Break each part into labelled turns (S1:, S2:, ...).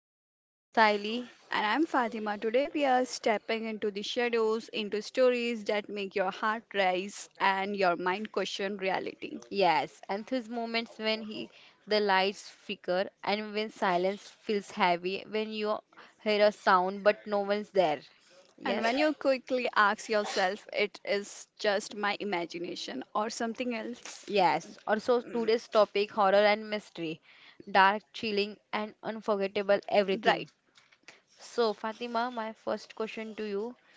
S1: podcast. I am Siley.
S2: And I'm Fatima. Today we are stepping into the shadows, into stories that make your heart rise and your mind question reality.
S1: Yes, and these moments when he, the lights flicker and when silence feels heavy, when you hear a sound but no one's there.
S2: And
S1: Yes,
S2: when you quickly ask yourself, it is just my imagination or something else.
S1: yes. Also,
S2: Mm,
S1: today's topic horror and mystery, dark, chilling, and unforgettable
S2: Right.
S1: everything. So, Fatima, my first question to you.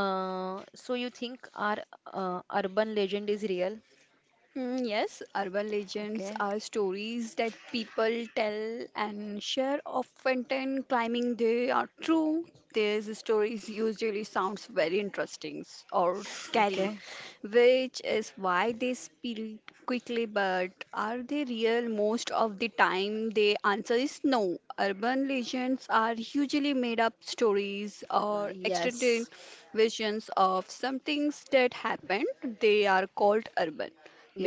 S1: So you think our urban legend is real?
S2: Yes, urban legends
S1: Okay.
S2: are stories that people tell and share often and claiming they are true. These stories usually sounds very interesting or scary,
S1: Okay.
S2: which is why they spill quickly. But are they real? Most of the time, the answer is no. Urban legends are usually made up stories
S1: Uh,
S2: or extended
S1: Yes.
S2: versions of some things that happened. They are called urban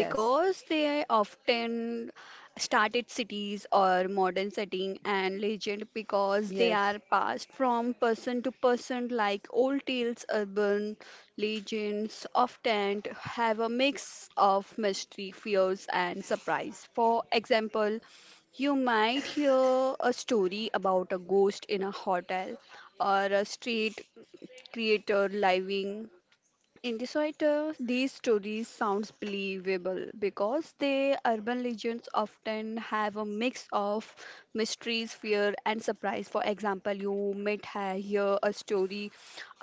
S1: Yes.
S2: they often started cities or modern setting and legend because they are
S1: Yes.
S2: passed from person to person like old tales. Urban legends often have a mix of mystery fears and surprise. For example, you might hear a story about a ghost in a hotel or a street creator living in this writer. These stories sounds believable because the urban legends often have a mix of mysteries, fear, and surprise. For example, you might hear a story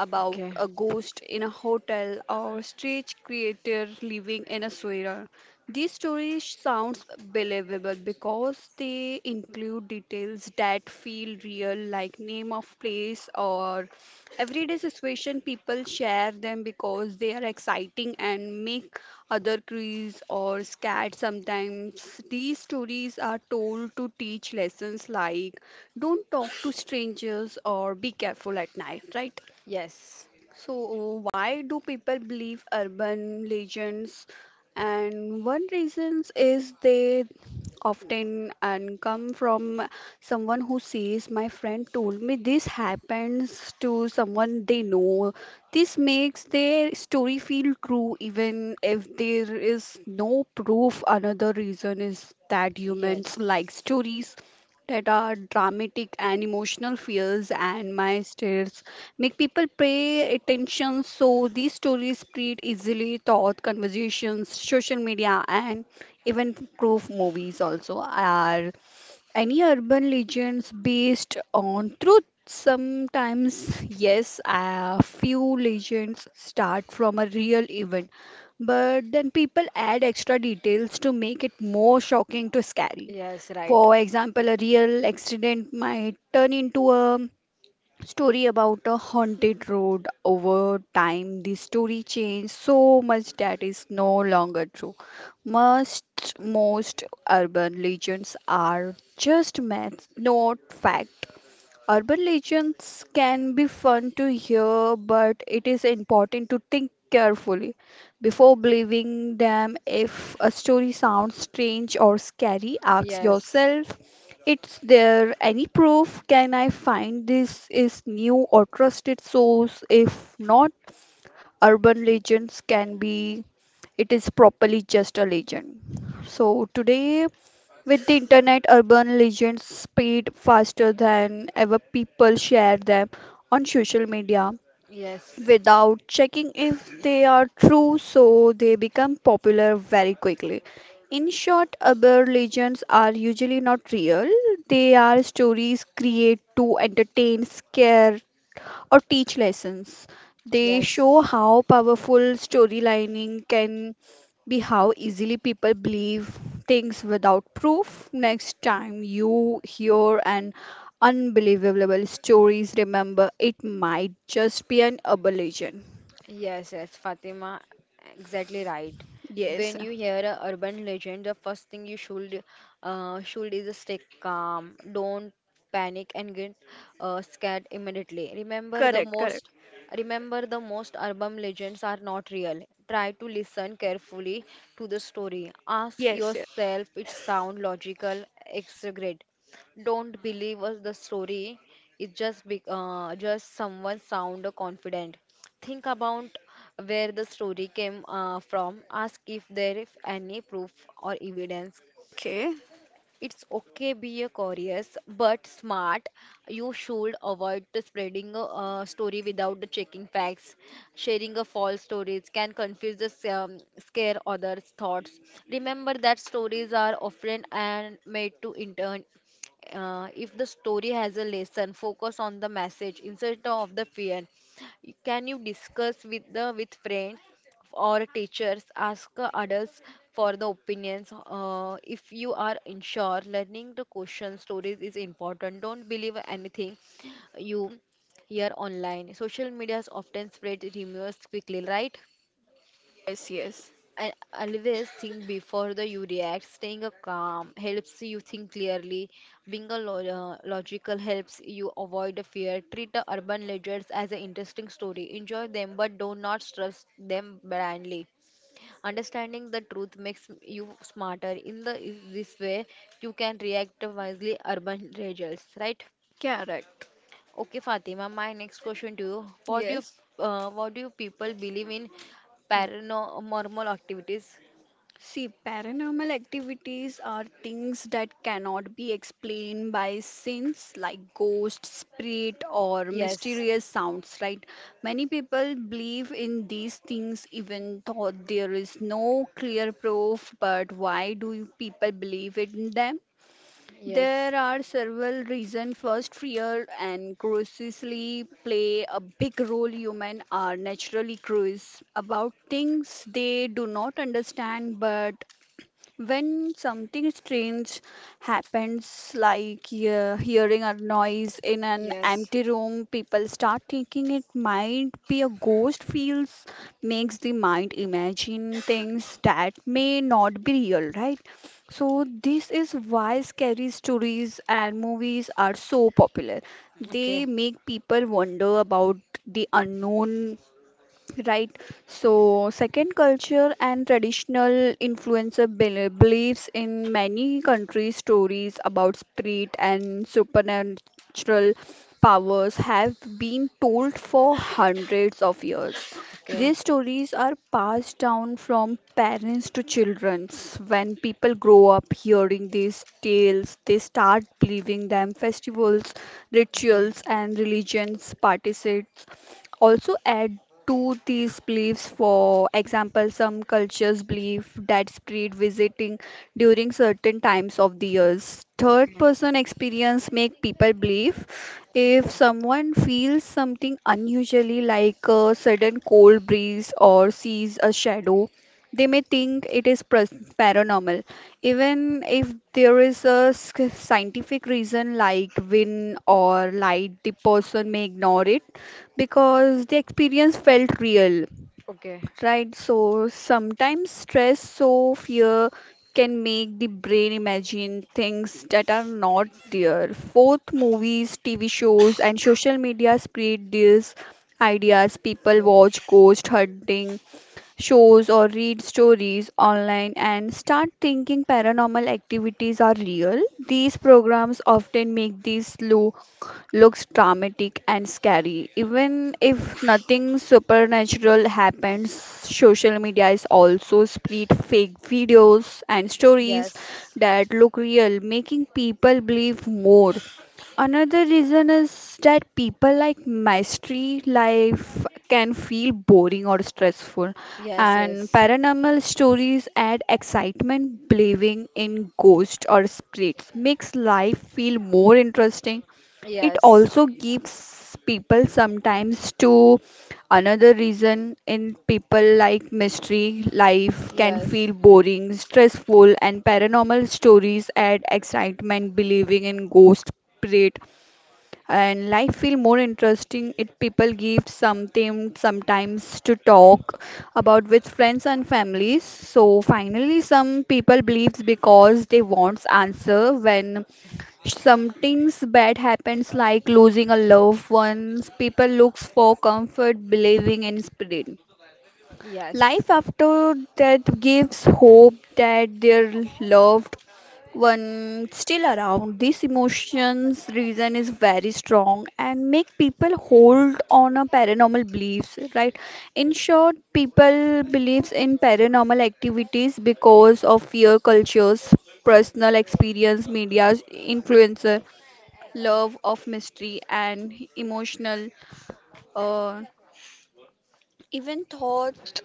S2: about
S1: Okay.
S2: a ghost in a hotel or strange creature living in a sewer. These stories sounds believable because they include details that feel real like name of place or everyday situation. People share them because they are exciting and make other crease or scared sometimes. These stories are told to teach lessons like don't talk to strangers or be careful at night, right?
S1: Yes.
S2: So, why do people believe urban legends? And one reason is they often and come from someone who says, my friend told me this happens to someone they know. This makes their story feel true, even if there is no proof. Another reason is that humans
S1: Yes.
S2: like stories that are dramatic and emotional. Fears and my states make people pay attention, so these stories spread easily thought conversations, social media, and even proof movies. Also, are any urban legends based on truth? Sometimes yes, a few legends start from a real event, but then people add extra details to make it more shocking to scary.
S1: Yes. Right.
S2: For example, a real accident might turn into a story about a haunted road. Over time the story changed so much that is no longer true. Most most urban legends are just myths, not fact. Urban legends can be fun to hear, but it is important to think carefully before believing them. If a story sounds strange or scary, ask
S1: Yes.
S2: yourself, is there any proof? Can I find this is new or trusted source? If not, urban legends can be it is properly just a legend. So today with the internet, urban legends spread faster than ever. People share them on social media
S1: Yes.
S2: without checking if they are true, so they become popular very quickly. In short, urban legends are usually not real. They are stories created to entertain, scare, or teach lessons. They show
S1: Yes.
S2: how powerful storylining can be, how easily people believe things without proof. Next time you hear an unbelievable stories, remember it might just be an aberration.
S1: Yes, Fatima, exactly right.
S2: Yes,
S1: When you hear a urban legend, the first thing you should is stay calm. Don't panic and get scared immediately. Remember the
S2: correct, correct.
S1: most remember the most urban legends are not real. Try to listen carefully to the story. Ask
S2: Yes, yeah.
S1: yourself, it sound logical, exaggerate. Don't believe us the story. It's just be, just someone sound confident. Think about where the story came from. Ask if there is any proof or evidence.
S2: Okay.
S1: It's okay be a curious but smart. You should avoid the spreading a, story without the checking facts. Sharing a false stories can confuse scare others' thoughts. Remember that stories are often and made to intern. If the story has a lesson, focus on the message instead of the fear. Can you discuss with the with friends? Or teachers ask adults for the opinions. If you are unsure, learning the question stories is important. Don't believe anything you hear online. Social medias often spread rumors quickly, right?
S2: Yes, yes,
S1: And always think before the you react. Staying a calm helps you think clearly. Being a logical helps you avoid the fear. Treat the urban legends as an interesting story. Enjoy them, but do not trust them blindly. Understanding the truth makes you smarter. In the this way, you can react wisely urban results, right?
S2: correct.
S1: Okay, Fatima, my next question to you. What do you
S2: Yes.
S1: uh, what do you people believe in paranormal activities?
S2: See, paranormal activities are things that cannot be explained by sense, like ghosts, spirit, or
S1: Yes,
S2: mysterious sounds, right? Many people believe in these things even though there is no clear proof, but why do you people believe in them?
S1: yes,
S2: There are several reasons. First, fear and curiosity play a big role. Humans are naturally curious about things they do not understand, but when something strange happens, like hearing a noise in an
S1: yes.
S2: empty room, people start thinking it might be a ghost, feels makes the mind imagine things that may not be real, right? So, this is why scary stories and movies are so popular. They
S1: Okay,
S2: make people wonder about the unknown. Right. So, second, culture and traditional influencer beliefs in many countries' stories about spirit and supernatural powers have been told for hundreds of years.
S1: okay,
S2: These stories are passed down from parents to children. When people grow up hearing these tales, they start believing them. Festivals,
S1: okay,
S2: rituals, and religions participate also add to these beliefs. For example, some cultures believe that spirit visiting during certain times of the years. Third,
S1: okay,
S2: person experience make people believe if
S1: okay,
S2: someone feels something unusually like a sudden cold breeze or sees a shadow, they may think it is paranormal, even if there is a scientific reason like wind or light. The person may ignore it because the experience felt real,
S1: okay,
S2: right? So sometimes stress, so fear can make the brain imagine things that are not there. Both movies, TV shows, and social media spread these ideas. People
S1: okay.
S2: watch ghost hunting shows or read stories online and start thinking paranormal activities are real. These programs often make these low looks dramatic and scary. Even if nothing supernatural happens, social media is also spread fake videos and stories
S1: Yes,
S2: that look real, making people believe more. Another reason is that people like mystery. Life can feel boring or stressful,
S1: yes,
S2: and
S1: yes,
S2: paranormal stories add excitement. Believing in ghosts or spirits makes life feel more interesting. It
S1: yes,
S2: also gives people sometimes to another reason. In people like mystery, life can
S1: yes,
S2: feel boring, stressful, and paranormal stories add excitement. Believing in ghosts spirit and life feel more interesting if people give something sometimes to talk about with friends and families. So finally, some people believes because they wants answer. When something's bad happens like losing a loved ones, people looks for comfort. Believing in spirit
S1: yes,
S2: life after death gives hope that their love one still around. This emotions reason is very strong and make people hold on a paranormal beliefs, right? In short, people believes in paranormal activities because of fear, cultures, personal experience, media, influencer, love of mystery and emotional, uh, even thought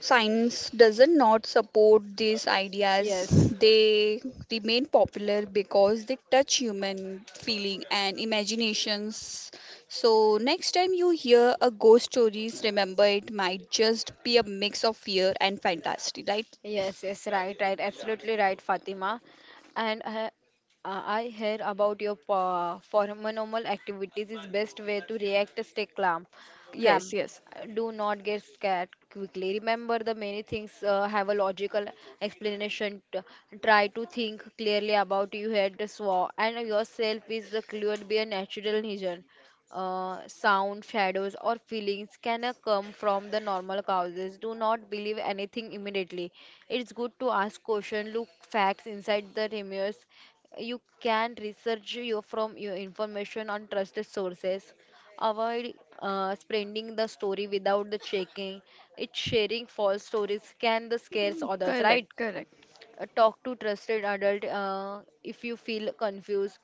S2: science doesn't not support these ideas.
S1: yes.
S2: They remain popular because they touch human feeling and imaginations. So next time you hear a ghost stories, remember it might just be a mix of fear and fantasy, right?
S1: Yes, right, right, absolutely right, Fatima. And I hear about your paranormal activities is best way to react, stay calm,
S2: Yes,
S1: calm.
S2: yes.
S1: Do not get scared quickly. Remember, the many things have a logical explanation. Try to think clearly about you had the saw and yourself is the clear be a natural reason. Sound, shadows, or feelings can come from the normal causes. Do not believe anything immediately. It's good to ask questions, look facts inside the rumors. You can research your from your information on trusted sources. Avoid spreading the story without the checking. It's sharing false stories can the scares others, right?
S2: Correct, correct.
S1: Talk to trusted adult if you feel confused.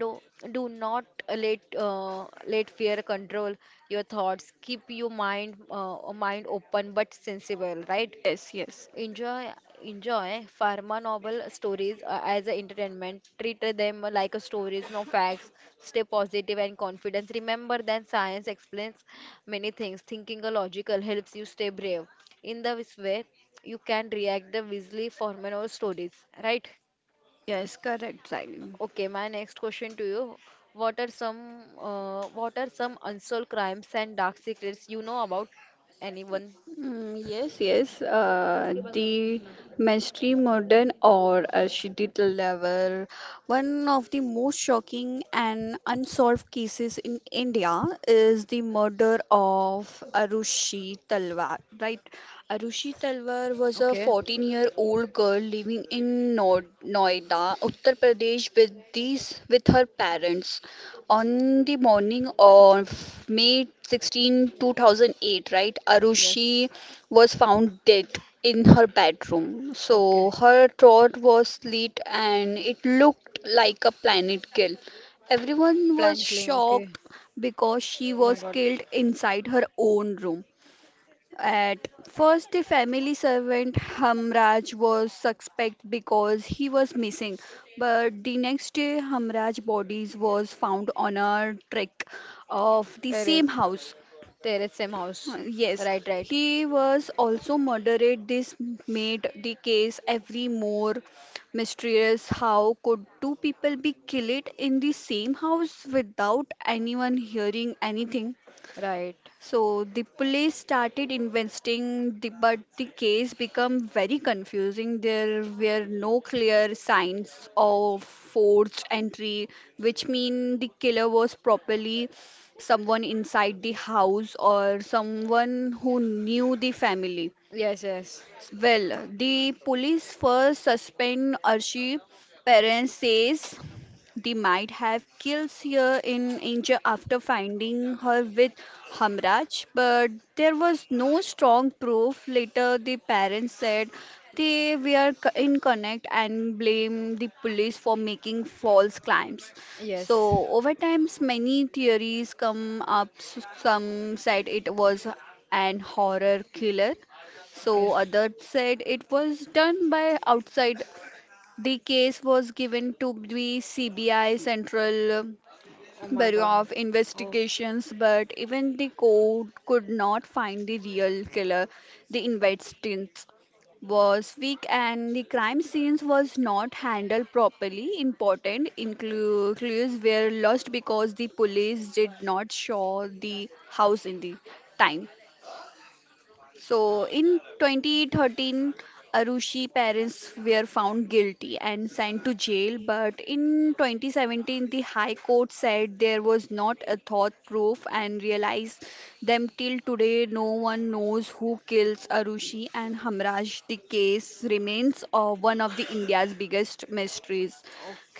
S1: Do do not let let fear control your thoughts. Keep your mind open but sensible, right?
S2: Yes, yes.
S1: Enjoy, enjoy pharma novel stories as a entertainment. Treat them like a stories, no facts. Stay positive and confident. Remember that science explains many things. Thinking a logical helps you stay brave. In this way, you can react the wisely pharma novel stories, right?
S2: Yes, correct, Sally.
S1: Okay, my next question to you. What are some unsolved crimes and dark secrets you know about? Anyone?
S2: Yes, yes. The mainstream modern or a digital level, one of the most shocking and unsolved cases in India is the murder of Arushi Talwar, right? Arushi Talwar was a
S1: Okay.
S2: 14-year-old girl living in Noida, Uttar Pradesh with these with her parents. On the morning of May 16, 2008, right, Arushi
S1: Yes.
S2: was found dead in her bedroom.
S1: Okay.
S2: So her throat was slit and it looked like a planet kill. Everyone was
S1: Plant claim, okay.
S2: shocked because she
S1: Oh my
S2: was
S1: God.
S2: killed inside her own room. At first, the family servant Hamraj was suspect because he was missing, but the next day Hamraj's body was found on a trek of the same
S1: Terrace.
S2: house.
S1: Terrace, same house.
S2: Yes,
S1: Right, right,
S2: he was also murdered. This made the case every more mysterious. How could two people be killed in the same house without anyone hearing anything?
S1: right.
S2: So the police started investing, the, but the case became very confusing. There were no clear signs of forced entry, which mean the killer was properly someone inside the house or someone who knew the family.
S1: Yes, yes,
S2: Well, the police first suspend Archie. Parents says they might have killed her in India after finding her with Hamraj, but there was no strong proof. Later, the parents said they were in connect and blame the police for making false claims.
S1: yes.
S2: So over times, many theories come up. Some said it was an horror killer.
S1: Okay.
S2: So others said it was done by outside. The case was given to the CBI Central
S1: Oh my
S2: Bureau
S1: God.
S2: of
S1: Oh,
S2: Investigations, but even the court could not find the real killer. The investigation was weak and the crime scenes was not handled properly. Important clues were lost because the police did not show the house in the time. So in 2013, Arushi parents were found guilty and sent to jail. But in 2017, the High Court said there was not a thought proof and realized them. Till today, no one knows who kills Arushi and Hamraj. The case remains one of the India's biggest mysteries.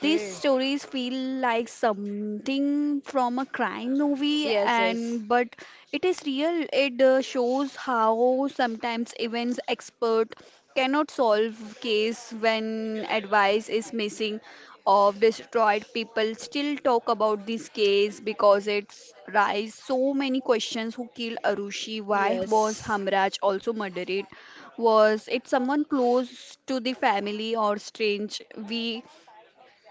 S2: These stories feel like something from a crime movie
S1: Yes, yes,
S2: and but it is real. It shows how sometimes events expert cannot solve case when advice is missing or destroyed. People still talk about this case because it's raised so many questions. Who killed Arushi? Why was
S1: yes.
S2: Hamraj also murdered? Was it someone close to the family or strange? We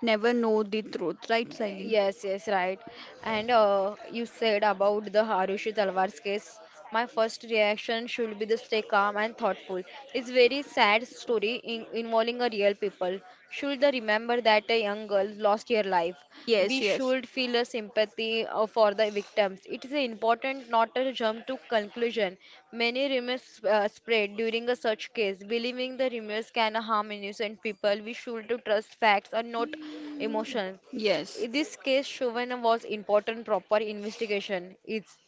S2: never know the truth, right, Siley?
S1: Yes, right. And you said about the Harushi Talwar's case. My first reaction should be to stay calm and thoughtful. It's very sad story in, involving a real people. Should they remember that a young girl lost her life?
S2: Yes,
S1: We
S2: yes,
S1: should feel a sympathy for the victims. It is important not to jump to conclusion. Many rumors spread during a such case, believing the rumors can harm innocent people. We should to trust facts and not emotions.
S2: yes,
S1: In this case, Chauvin was important proper investigation. It's,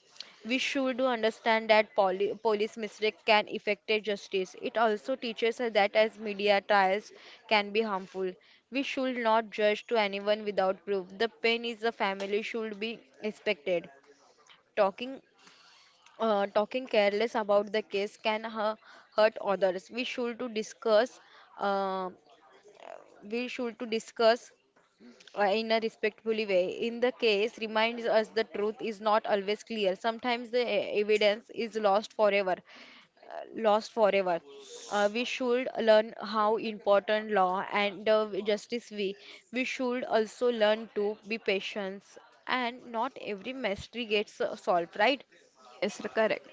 S1: we should understand that police mistake can affect justice. It also teaches us that as media trials can be harmful. We should not judge to anyone without proof. The pain is the family should be expected. Talking talking careless about the case can hurt others. We should to discuss uh, we should to discuss in a respectful way. In the case, reminds us the truth is not always clear. Sometimes the evidence is lost forever. uh, Lost forever. We should learn how important law and justice we. We should also learn to be patient and not every mystery gets solved, right?
S2: yes, correct.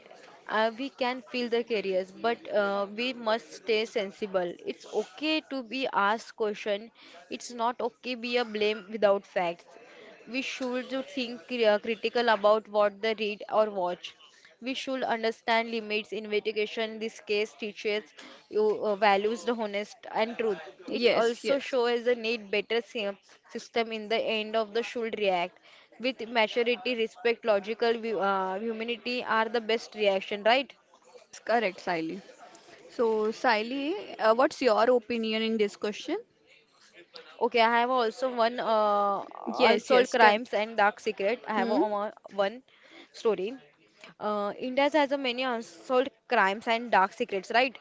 S1: Uh, we can feel the careers but we must stay sensible. It's okay to be asked question. It's not okay be a blame without facts. We should to think critical about what they read or watch. We should understand limits. Investigation in this case teaches you values the honest and truth. It
S2: Yes,
S1: also
S2: yes,
S1: shows the need better system in the end of the should react with maturity, respect, logical humanity are the best reaction, right?
S2: yes, correct, Siley. So, Siley, what's your opinion in this question?
S1: Okay, I have also one
S2: Yes,
S1: unsolved
S2: yes, tell.
S1: crimes and dark secret. I have
S2: Yes,
S1: a, one story. India has a many unsolved crimes and dark secrets, right?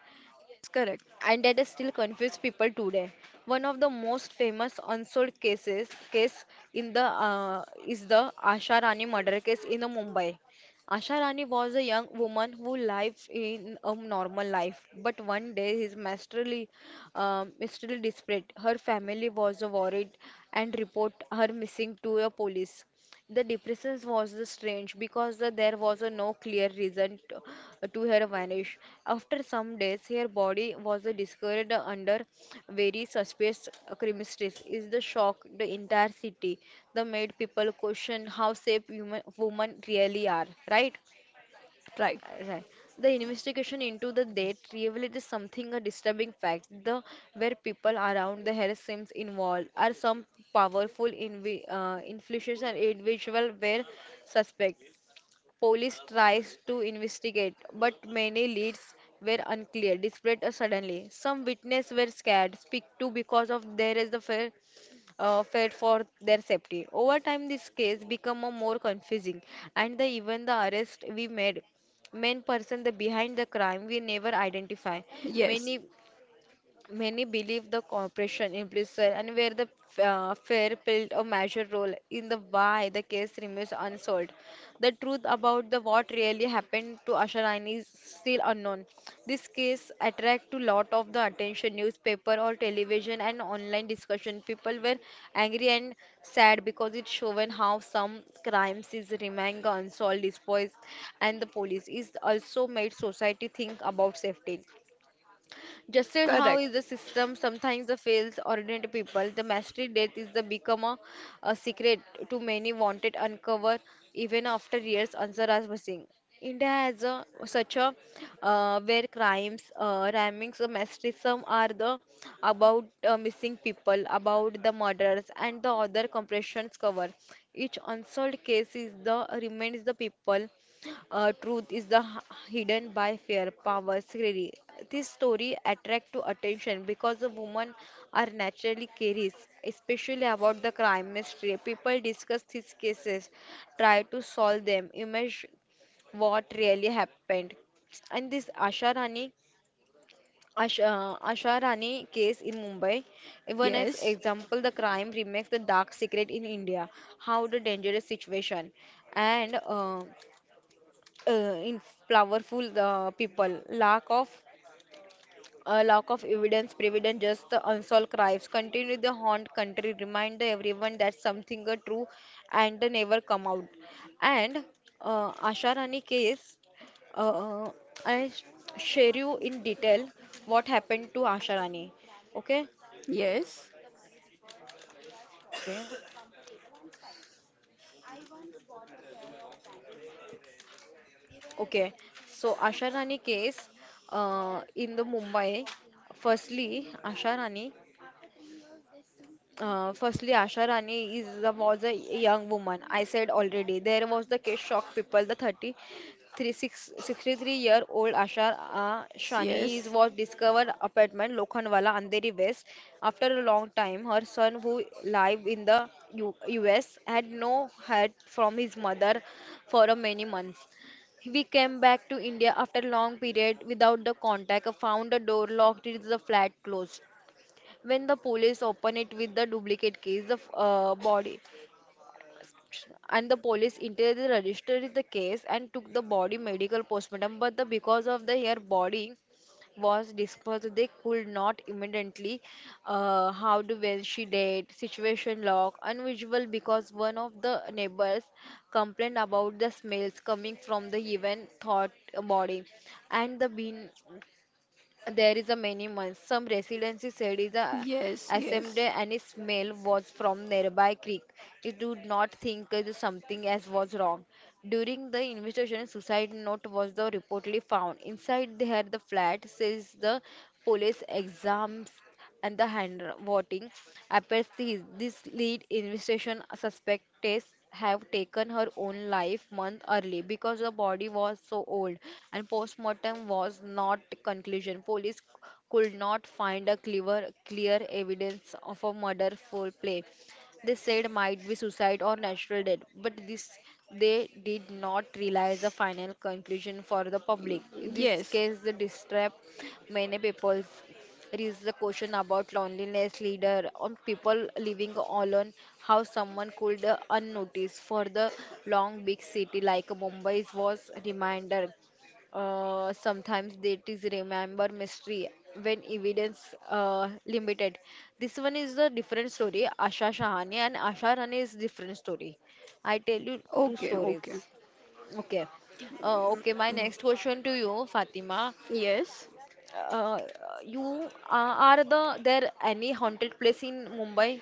S2: correct,
S1: And that is still confuse people today. One of the most famous unsolved cases case in the is the Asha Rani murder case in the Mumbai. Asha Rani was a young woman who lived in a normal life, but one day his masterly, masterly desperate. Her family was worried and report her missing to a police. The depression was the strange because there was a no clear reason to her vanish. After some days, her body was discovered under very suspicious circumstances. Is the shock the entire city? The made people question how safe human women really are, right?
S2: right.
S1: Right. The investigation into the death revealed is something a disturbing fact. The where people around the Harris Sims involved are some powerful invi influential individual were suspect. Police tries to investigate, but many leads were unclear, displayed suddenly. Some witnesses were scared, speak to because of there is the fear fed for their safety. Over time, this case become a more confusing, and the even the arrest we made main person the behind the crime we never identify
S2: Yes,
S1: many many believe the cooperation implicit and where the fair played a major role in the why the case remains unsolved. The truth about the what really happened to Asharani is still unknown. This case attract to lot of the attention, newspaper or television and online discussion. People were angry and sad because it shown how some crimes is remain unsolved despite and the police is also made society think about safety. Just as how
S2: correct.
S1: is the system sometimes the fails ordinary people, the mystery death is the become a secret to many wanted uncover even after years answer as missing. India has a, such a where crimes, rammings, or mystery some are the about missing people, about the murders and the other compressions cover. Each unsolved case is the remains the people truth is the hidden by fear, power, scary. This story attract to attention because the women are naturally curious, especially about the crime mystery. People discuss these cases, try to solve them, imagine what really happened. And this Asha Rani case in Mumbai, even as
S2: Yes,
S1: example, the crime remakes the dark secret in India, how the dangerous situation, and. In powerful people. Lack of evidence, prevalent just the unsolved crimes continue the haunt country. Remind everyone that something are true and they never come out. And Asha Rani case, uh, uh, I sh- share you in detail what happened to Asha Rani. Okay.
S2: yes,
S1: Okay. Okay, so Asha Rani case in the Mumbai. Firstly, Asha Rani firstly, Asha Rani is a, was a young woman. I said already. There was the case shock people. The 33, 663 year old Asha Shani is,
S2: yes,
S1: was discovered apartment Lokhandwala, Andheri West. After a long time, her son, who live in the U US, had no had from his mother for a many months. We came back to India after long period without the contact, found the door locked, it is the flat closed when the police open it with the duplicate case, the body and the police immediately registered the case and took the body medical postmortem but the because of the her body was dispersed they could not immediately how to when she died situation log unusual because one of the neighbors complained about the smells coming from the even thought body and the bin there is a many months. Some residents said the
S2: yes,
S1: assembly
S2: yes,
S1: and its smell was from nearby creek. It did not think that something as was wrong. During the investigation, suicide note was the reportedly found. Inside there the flat, says the police exams and the hand voting appears this lead investigation suspects have taken her own life month early because the body was so old and postmortem was not conclusion police could not find a clear evidence of a murder for play they said might be suicide or natural death but this they did not realize the final conclusion for the public in this
S2: yes.
S1: case the distress many people raises a question about loneliness, leader on people living alone, how someone could unnoticed for the long big city like Mumbai was reminder. Sometimes that is remember mystery when evidence limited. This one is a different story. Asha Shahani and Asha Rani is different story. I tell you two
S2: Okay,
S1: stories.
S2: okay.
S1: Okay. Okay, my next question to you, Fatima.
S2: Yes,
S1: Uh, you are the there any haunted place in Mumbai?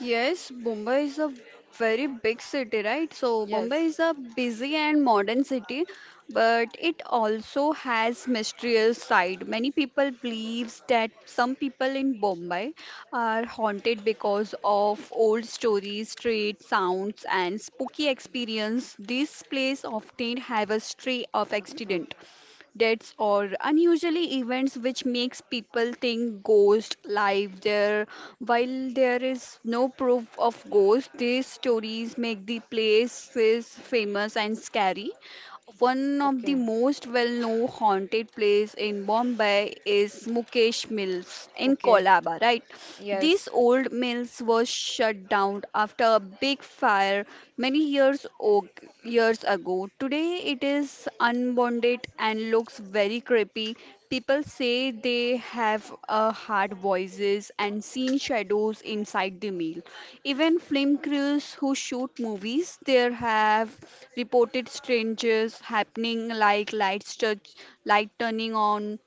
S2: yes, Mumbai is a very big city, right? So
S1: Yes.
S2: Mumbai is a busy and modern city, but it also has mysterious side. Many people believes that some people in Mumbai are haunted because of old stories, street sounds, and spooky experience. This place often have a history of
S1: Uh.
S2: accident deaths, or unusually events which makes people think ghost live there. While there is no proof of ghost, these stories make the places famous and scary. One of the
S1: Okay.
S2: most well-known haunted place in Bombay is Mukesh Mills in
S1: Okay.
S2: Kolaba, right?
S1: Yes.
S2: These old mills were shut down after a big fire many years o- years ago. Today it is unbonded and looks very creepy. People say they have heard voices and seen shadows inside the mill. Even film crews who shoot movies there have reported strangers happening like lights touch, light turning on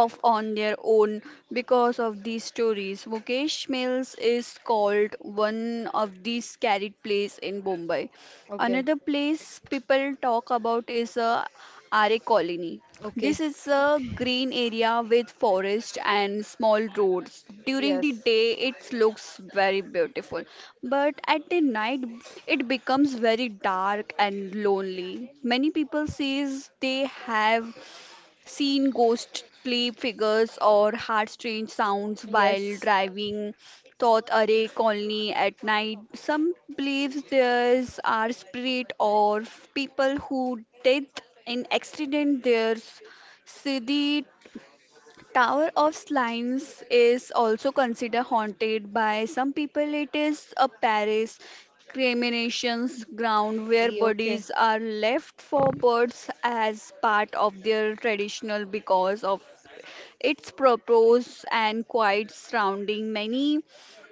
S2: off on their own because of these stories. Mukesh Mills is called one of the scary place in Mumbai.
S1: Okay.
S2: Another place people talk about is Are Colony.
S1: Okay.
S2: This is a green area with forest and small roads. During the
S1: Yes.
S2: day, it looks very beautiful, but at the night, it becomes very dark and lonely. Many people says they have seen ghostly figures or heard strange sounds while
S1: Yes.
S2: driving thought array colony at night. Some believes there's are spirit or people who dead in accident. There's siddhi Tower of Slimes is also considered haunted by some people. It is a Paris cremation's ground where
S1: Ye- Okay.
S2: bodies are left for birds as part of their traditional because of its purpose and quiet surrounding many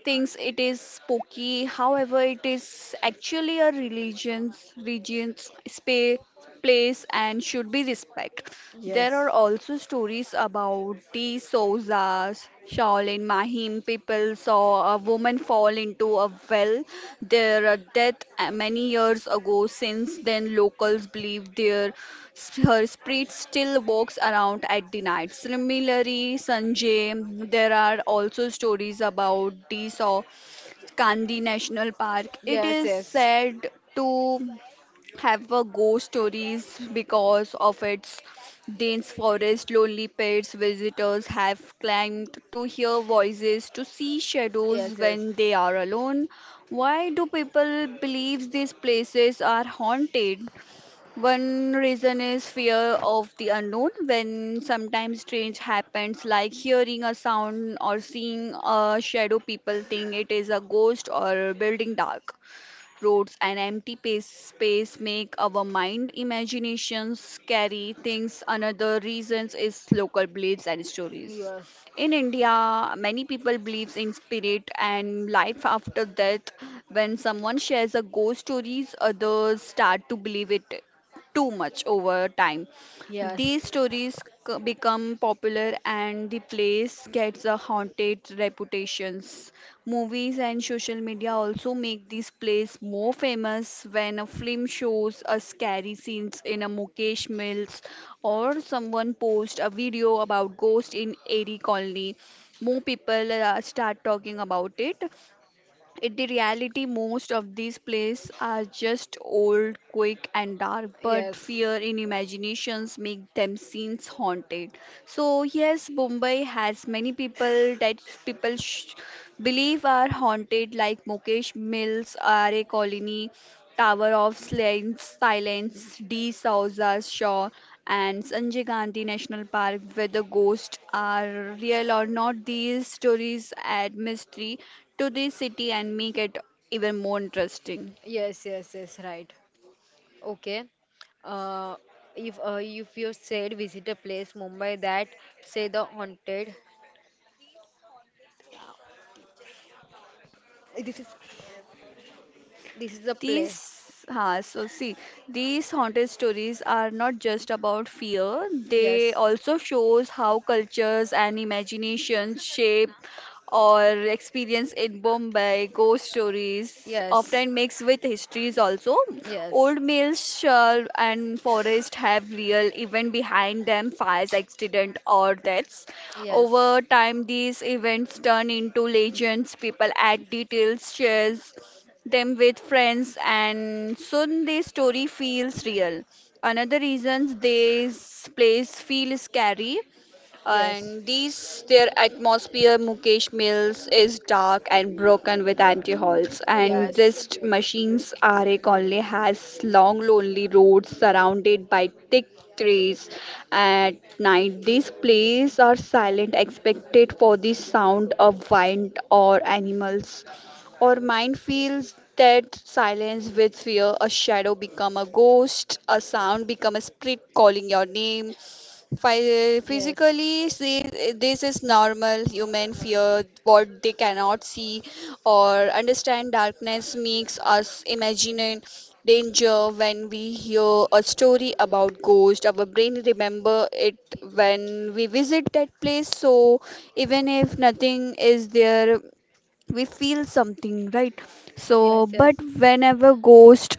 S2: thinks it is spooky. However, it is actually a religion's region's space, place and should be respected. There
S1: Yes.
S2: are also stories about the Souzas, Shaolin Mahim people saw a woman fall into a well. Their death many years ago. Since then, locals believe their her spirit still walks around at the night. Similarly, Sanjay, there are also stories about the Kandi National Park. It
S1: Yes.
S2: is
S1: Yes.
S2: said to have a ghost stories because of its dense forest. Lonely pets visitors have claimed to hear voices, to see
S1: Yes.
S2: shadows
S1: Yes.
S2: when they are alone. Why do people believe these places are haunted? One reason is fear of the unknown. When sometimes strange happens, like hearing a sound or seeing a shadow, people think it is a ghost or building dark roads and empty pace, space make our mind imaginations carry things another reasons is local beliefs and
S1: Yes.
S2: stories
S1: Yes.
S2: in india many people believes in spirit and life after death when someone shares a ghost stories others start to believe it too much over time become popular and the place gets a haunted reputations. Movies and social media also make this place more famous when a film shows a scary scenes in a Mukesh Mills or someone posts a video about ghost in Airy Colony. More people start talking about it. In the reality, most of these plays are just old, quick, and dark, but
S1: Yes.
S2: fear in imaginations make them scenes haunted. So yes, Mumbai has many people that believe are haunted, like Mukesh Mills, R.A. Colony, Silence, De Souza Shaw, and Sanjay Gandhi National Park, where the ghosts are real or not, these stories add mystery to the city and make it even more interesting.
S1: Yes. Yes. Yes. Right. Okay. Uh, if if you said visit a place Mumbai that say the haunted, this is this is the place.
S2: These, huh, so see, these haunted stories are not just about fear, they
S1: Yes.
S2: also shows how cultures and imagination shape or experience in Bombay. Ghost stories
S1: Yes.
S2: often mix with histories also.
S1: Yes.
S2: Old mills, shell and forest have real event behind them, fires, accident or deaths.
S1: Yes.
S2: Over time, these events turn into legends. People add details, shares them with friends and soon the story feels real. Another reason this place feels scary
S1: Yes.
S2: and these, their atmosphere, Mukesh Mills, is dark and broken with empty halls. And
S1: Yes.
S2: this machines are a Conley has long, lonely roads surrounded by thick trees. At night, these places are silent, expected for the sound of wind or animals. Or mind feels that silence with fear, a shadow become a ghost, a sound become a spirit calling your name,
S1: Yes.
S2: physically see, this is normal human fear what they cannot see or understand darkness makes us imagine danger when we hear a story about ghost our brain remember it when we visit that place so even if nothing is there we feel something right so
S1: Yes.
S2: but
S1: Yes.
S2: whenever ghost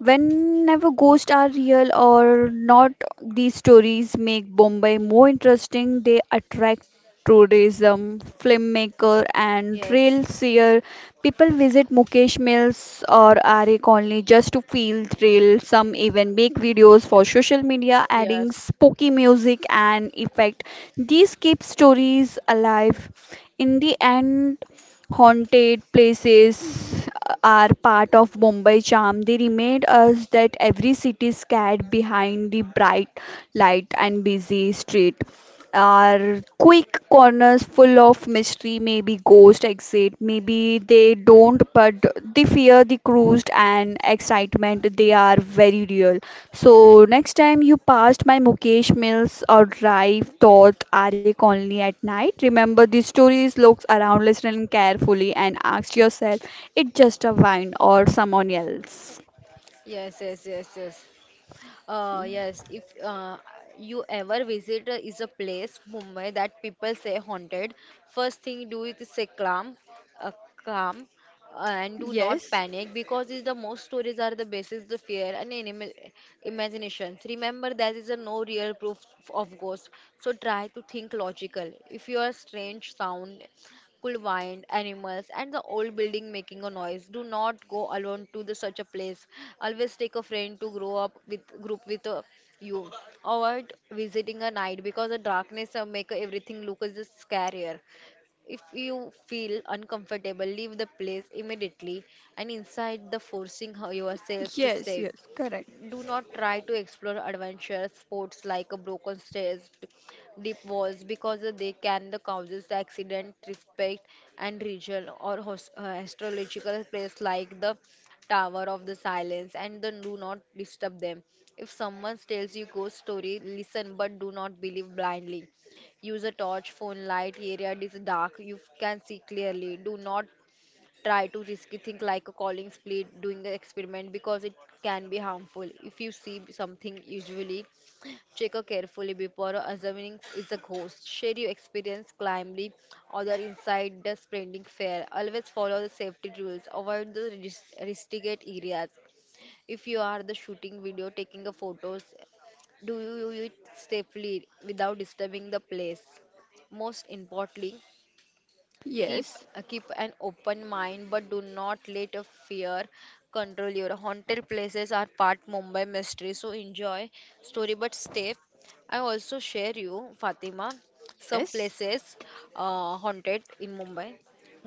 S2: Whenever ghosts are real or not, these stories make Bombay more interesting. They attract tourism, filmmaker, and thrill
S1: Yes.
S2: seer. People visit Mukesh Mills or R.A. Colony just to feel thrill. Some even make videos for social media, adding
S1: Yes. Yes.
S2: spooky music and effect. These keep stories alive. In the end, haunted places are part of Mumbai charm. They remind us that every city is scared behind the bright light and busy street are quick corners full of mystery, maybe ghost exit, maybe they don't, but the fear, the cruised and excitement, they are very real. So next time you passed my Mukesh Mills or drive thought Arik only at night, remember the stories, looks around, listening carefully and ask yourself, it just a wine or someone else?
S1: Yes. Yes. Yes. Yes, if you ever visit is a place Mumbai that people say haunted, first thing do it is say calm, uh, calm, and do not
S2: Yes,
S1: panic because is the most stories are the basis the fear and anima imaginations. Remember there is a no real proof of ghost, so try to think logical. If you are strange sound could wind, animals, and the old building making a noise. Do not go alone to the, such a place. Always take a friend to grow up with group with you. Avoid visiting at night because the darkness make everything look as just scarier. If you feel uncomfortable, leave the place immediately and inside the forcing yourselves to
S2: yes,
S1: stay.
S2: yes, correct.
S1: Do not try to explore adventure sports like a broken stairs, deep walls because they can the causes the accident, respect and region or astrological place like the Tower of the Silence and then do not disturb them. If someone tells you ghost story, listen but do not believe blindly. Use a torch, phone light, area is dark, you can see clearly. Do not try to risky think like a calling split doing the experiment because it can be harmful. If you see something usually check her carefully before assuming it's a ghost. Share your experience calmly or the inside the sprinting fair. Always follow the safety rules. Avoid the risky areas. If you are the shooting video, taking a photos, do you do it safely without disturbing the place? Most importantly, keep
S2: Yes,
S1: keep an open mind but do not let a fear control your haunted places are part Mumbai mystery so enjoy story but stay I also share you Fatima some
S2: yes.
S1: places haunted in Mumbai.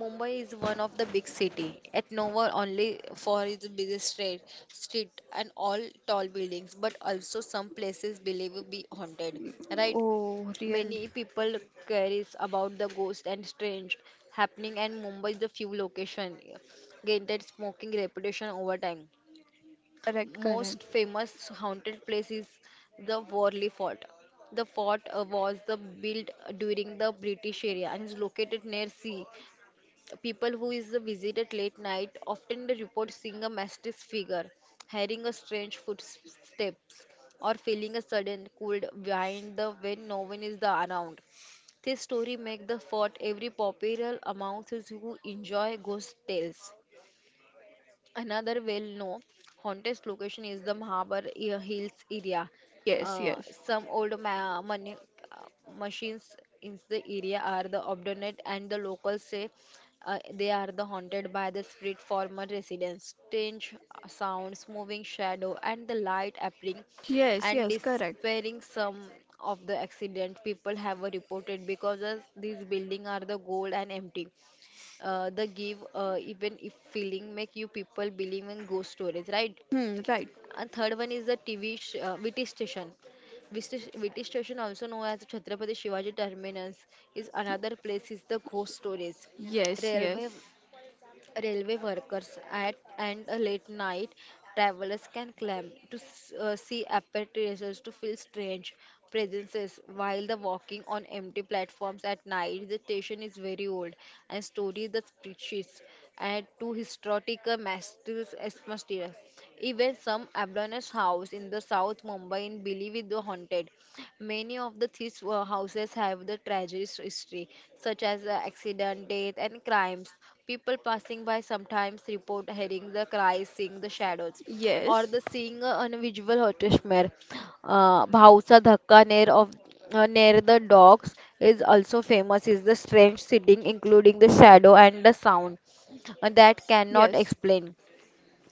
S1: Mumbai is one of the big city at nowhere only for its busy street and all tall buildings but also some places believe be haunted, right?
S2: Oh, real.
S1: Many people cares about the ghost and strange happening and Mumbai is the few location gained that smoking reputation over time.
S2: Correct, correct.
S1: Most famous haunted place is the Worli Fort. The fort was the built during the British era and is located near sea. People who is visited late night often report seeing a mysterious figure, hearing a strange footsteps, or feeling a sudden cold behind the when no one is the around. This story make the fort every popular among those who enjoy ghost tales. Another well-known haunted location is the Mahabar Hills area.
S2: Yes,
S1: Uh,
S2: yes.
S1: some old ma- money, uh, machines in the area are the obdurate, and the locals say they are the haunted by the spirit former residents. Strange sounds, moving shadow, and the light appearing
S2: Yes,
S1: and
S2: yes, correct.
S1: despairing some of the accident people have reported because as these buildings are the gold and empty the give even if feeling make you people believe in ghost stories, right?
S2: Hmm, right.
S1: And third one is the vt station VT, VT station also known as Chhatrapati Shivaji Terminus is another place is the ghost stories.
S2: Yes, yes.
S1: Railway railway workers at and a late night travelers can climb to see apparitions to feel strange presences while the walking on empty platforms at night the station is very old and stories the spreadsheets and to historical masters atmosphere. Even some abandoned house in the south Mumbai in believe is the haunted. Many of the these houses have the tragic history such as accident death and crimes. People passing by sometimes report hearing the cries, seeing the shadows, or
S2: Yes,
S1: the seeing a unusual nightmare. Bhausa Dhakka near of near the docks is also famous. Is the strange sitting, including the shadow and the sound, that cannot
S2: yes,
S1: explain.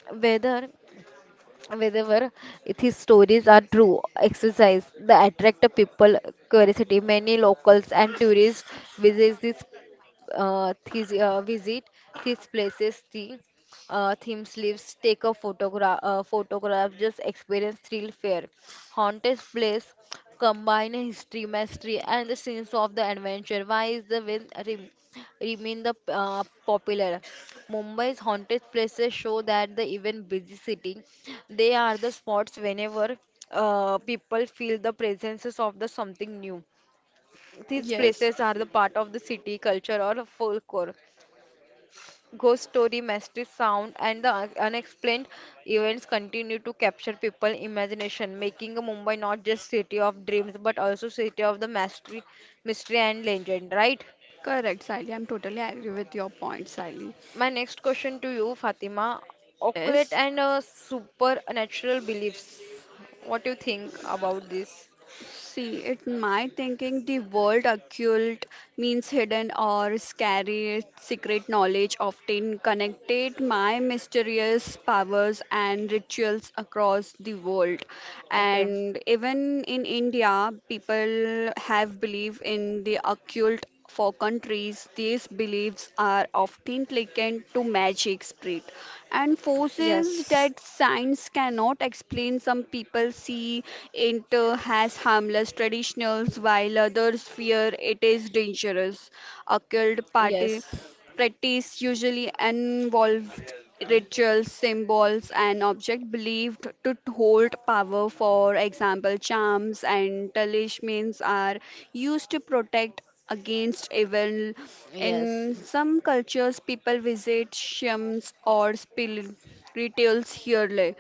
S1: Whether whether if his stories are true exercise the attract the people curiosity many locals and tourists visit this uh, these, uh, visit these places the theme sleeves take a photograph just experience thrill fair haunted place combine history, mystery, and the scenes of the adventure. Why is the will remain the popular? Mumbai's haunted places show that the even busy city, they are the spots whenever people feel the presences of the something new. These
S2: yes.
S1: places are the part of the city culture or folklore. Ghost story, mysterious sound, and the unexplained events continue to capture people's imagination, making Mumbai not just city of dreams but also city of the mystery and legend. Right?
S2: Correct, Sally. I'm totally agree with your point, Sally.
S1: My next question to you, Fatima: occult
S2: Yes,
S1: and supernatural beliefs. What do you think about this?
S2: see, it my thinking the word occult means hidden or scary secret knowledge often connected my mysterious powers and rituals across the world.
S1: Okay.
S2: And even in India, people have belief in the occult for countries, these beliefs are often likened to magic spirit and forces
S1: Yes.
S2: that science cannot explain. Some people see it as harmless traditionals, while others fear it is dangerous. Occult party
S1: Yes.
S2: practice usually involved rituals, symbols, and objects believed to hold power. For example, charms and talismans are used to protect against evil.
S1: Yes.
S2: In some cultures, people visit shrines or spirituals yearly.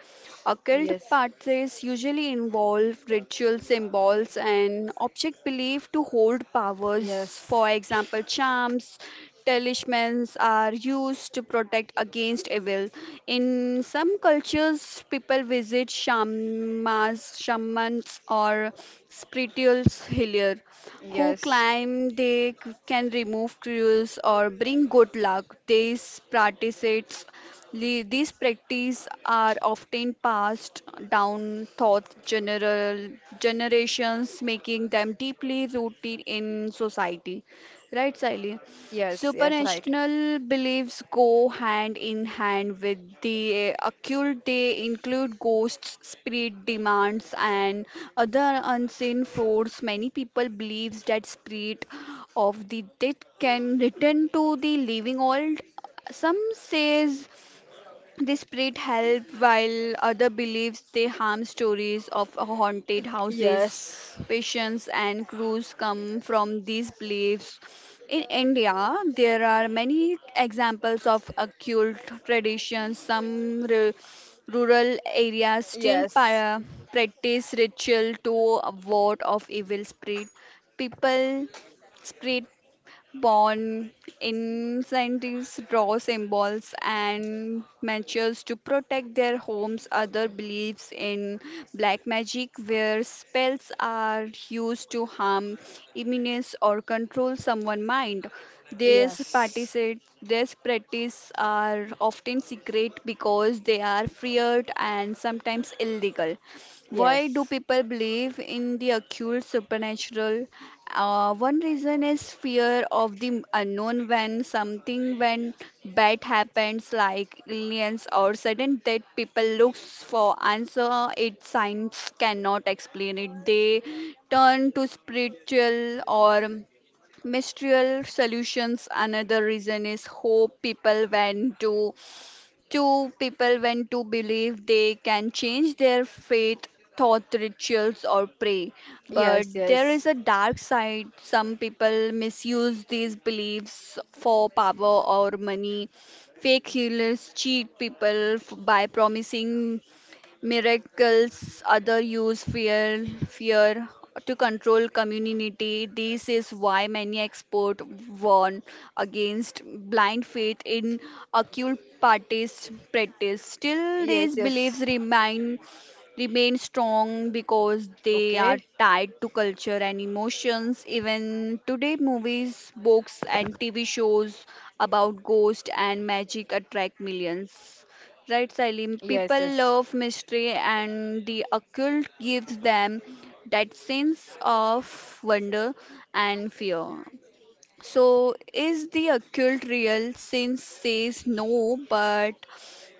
S2: Occult
S1: Yes.
S2: practices usually involve ritual symbols and objects believed to hold powers.
S1: Yes.
S2: For example, charms Talismans are used to protect against evil. In some cultures, people visit shamans, or spiritual healer who
S1: Yes.
S2: claim can remove curses or bring good luck. These practices are often passed down thought general generations, making them deeply rooted in society. Right, Sally?
S1: Yes. Yes. Right.
S2: Supernatural beliefs go hand in hand with the occult. They include ghosts, spirit demons, and other unseen forces. Many people believe that spirit of the dead can return to the living world. Some says this spirit help while other beliefs they harm stories of haunted houses,
S1: Yes.
S2: patients and crews come from these beliefs. In India, there are many examples of occult traditions. Rural areas still
S1: Yes.
S2: practice ritual to ward off evil spirit. People spirit Bond incentives draw symbols and matches to protect their homes. Other believes in black magic, where spells are used to harm, immunize, or control someone's mind.
S1: Yes.
S2: These practices are often secret because they are feared and sometimes illegal. Why do
S1: Yes.
S2: people believe in the occult supernatural? One reason is fear of the unknown when bad happens like aliens or sudden death people looks for answer it science cannot explain it they turn to spiritual or mystical solutions another reason is hope people went to two people when to believe they can change their faith, thought, rituals, or pray.
S1: Yes.
S2: But there is
S1: Yes.
S2: a dark side. Some people misuse these beliefs for power or money. Fake healers cheat by promising miracles other use fear to control community this is why many experts warn against blind faith in occult parties practice still these
S1: Yes.
S2: beliefs
S1: Yes.
S2: remain strong because they are
S1: Okay.
S2: tied to culture and emotions even today movies books and tv shows about ghost and magic attract millions. Right, Salim.
S1: Yes.
S2: People
S1: Yes.
S2: love mystery, and the occult gives them that sense of wonder and fear. So, is the occult real? Since says no, but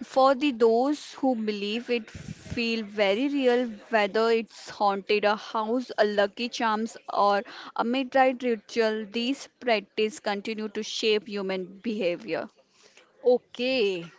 S2: for the those who believe it feel very real whether it's haunted a house a lucky charms or a midnight ritual these practice continue to shape human behavior
S1: Okay.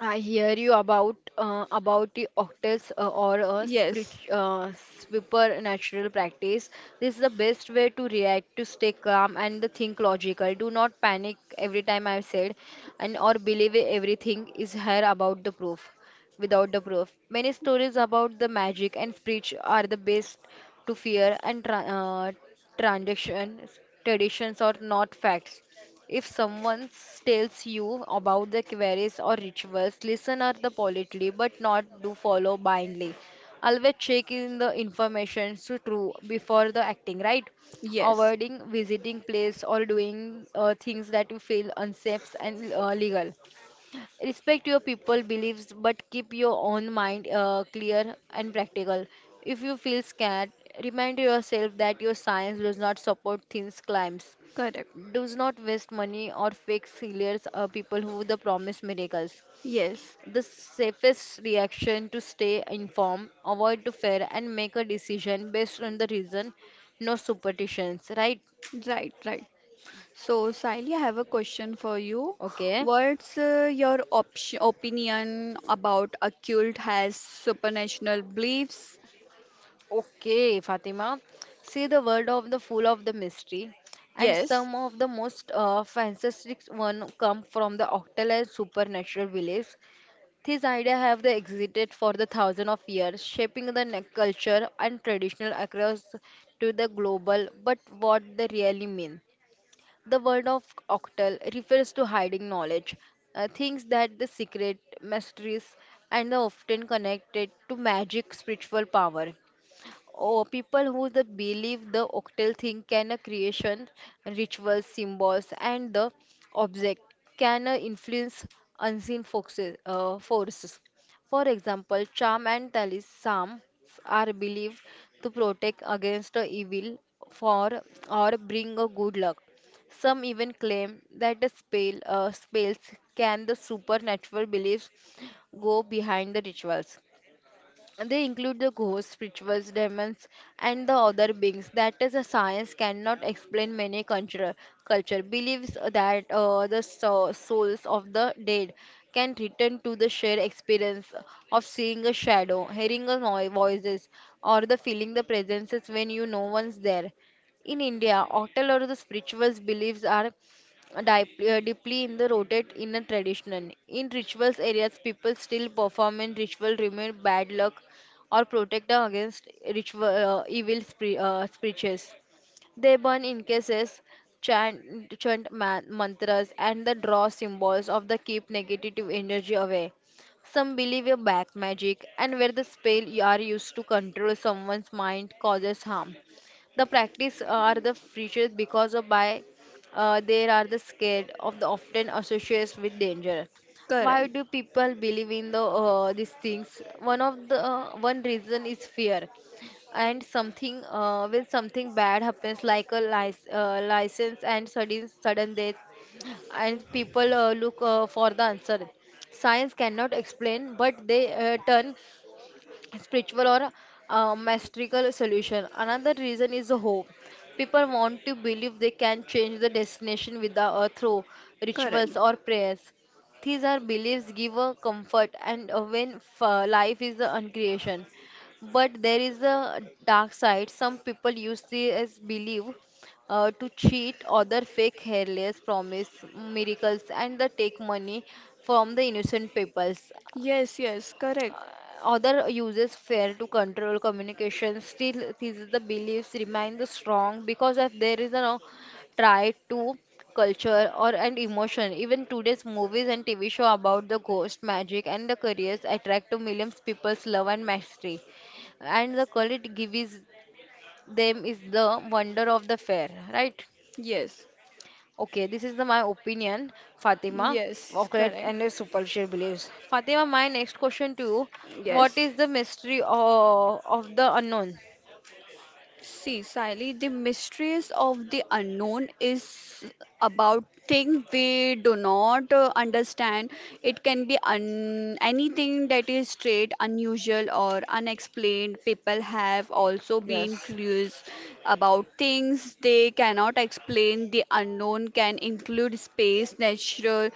S1: I hear you about about the octets or a spirit,
S2: yes
S1: supernatural practice. This is the best way to react to stay calm and the think logical. Do not panic every time I said, and or believe everything is here about the proof, without the proof. Many stories about the magic and spirit are the best to fear and transactions, traditions or not facts. If someone tells you about the queries or rituals, listen are the politely but not do follow blindly. Always check in the information to true before the acting, right?
S2: yes
S1: Avoiding visiting place or doing things that you feel unsafe and legal. Respect your people beliefs but keep your own mind clear and practical. If you feel scared, remind yourself that your science does not support things claims
S2: correct.
S1: does not waste money or fake healers or people who the promise miracles.
S2: Yes,
S1: The safest reaction to stay informed, avoid to fear, and make a decision based on the reason, no superstitions, right?
S2: right, right. So, Sally, I have a question for you.
S1: Okay.
S2: What's your opinion about occult has supernatural beliefs?
S1: Okay, Fatima. See the word of the full of the mystery, and some
S2: Yes,
S1: of the most fantastic one come from the octal and supernatural beliefs. These ideas have they existed for the thousands of years, shaping the culture and traditional across to the global, but what they really mean. The word of octal refers to hiding knowledge, things that the secret, mysteries, and are often connected to magic, spiritual power. Or people who the believe the octal thing can a creation, rituals, symbols, and the object can influence unseen forces. For example, charm and talismans are believed to protect against the evil for or bring a good luck. Some even claim that the spells can the supernatural beliefs go behind the rituals. They include the ghosts, rituals, demons, and the other beings. That is, a science cannot explain many culture believes that the souls of the dead can return to the shared experience of seeing a shadow, hearing a voices, or the feeling the presences when you no one's there. In India, octal or the spirituals beliefs are deeply in the rooted in a tradition. In rituals areas, people still perform in ritual, remove bad luck, or protect against ritual evil spirits. They burn incense, chant mantras, and the draw symbols of the keep negative energy away. Some believe in back magic and where the spell you are used to control someone's mind causes harm. The practice are the features because of by they are the scared of the often associates with danger. Why
S2: correct,
S1: do people believe in the these things? One of the one reason is fear. And something when something bad happens like a license and sudden death, and people look for the answer science cannot explain, but they turn spiritual or mystical solution. Another reason is the hope. People want to believe they can change the destination with the through
S2: correct.
S1: rituals or prayers. These are beliefs give a comfort and when life is the uncreation. But there is a dark side. Some people use this as belief to cheat other fake hairless promise miracles and they take money from the innocent peoples.
S2: Yes, yes, correct.
S1: Other uses fear to control communication. Still these the beliefs remain the strong because if there is a no, try to culture or and emotion. Even today's movies and TV show about the ghost magic and the careers attract to millions people's love and mastery, and the quality gives them is the wonder of the fair, right?
S2: Yes,
S1: Okay, this is the, my opinion, Fatima,
S2: yes,
S1: Oaklet
S2: correct.
S1: and the superficial beliefs. Fatima, my next question to you, what
S2: Yes,
S1: is the mystery of the unknown?
S2: see, Sally, the mysteries of the unknown is about things we do not understand. It can be un anything that is strange, unusual, or unexplained. People have also been
S1: Yes.
S2: curious about things they cannot explain. The unknown can include space, natural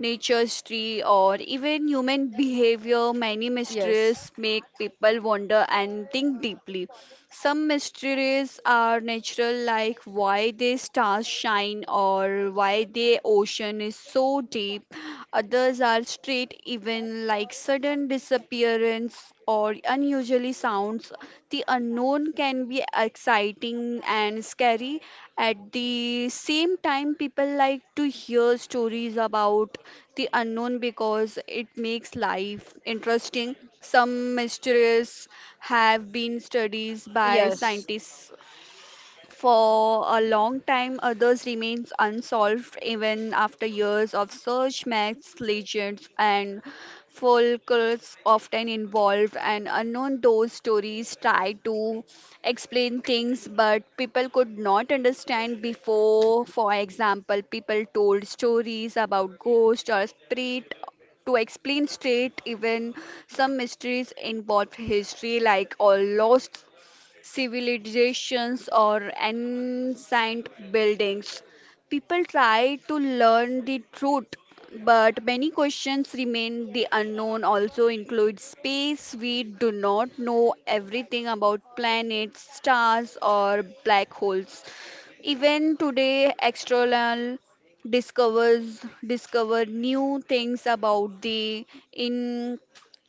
S2: nature's tree, or even human behavior, many mysteries
S1: Yes,
S2: make people wonder and think deeply. Some mysteries are natural, like why the stars shine or why the ocean is so deep. Others are straight, even like sudden disappearance or unusually sounds, the unknown can be exciting and scary. At the same time, people like to hear stories about the unknown because it makes life interesting. Some mysteries have been studied by
S1: yes,
S2: scientists for a long time, others remains unsolved even after years of search, myths, legends, and folklores often involve an unknown. Those stories try to explain things, but people could not understand before. For example, people told stories about ghosts or spirit to explain straight even some mysteries involve history like all lost civilizations or ancient buildings. People try to learn the truth, but many questions remain. The unknown also includes space. We do not know everything about planets, stars, or black holes. Even today, external discover new things about the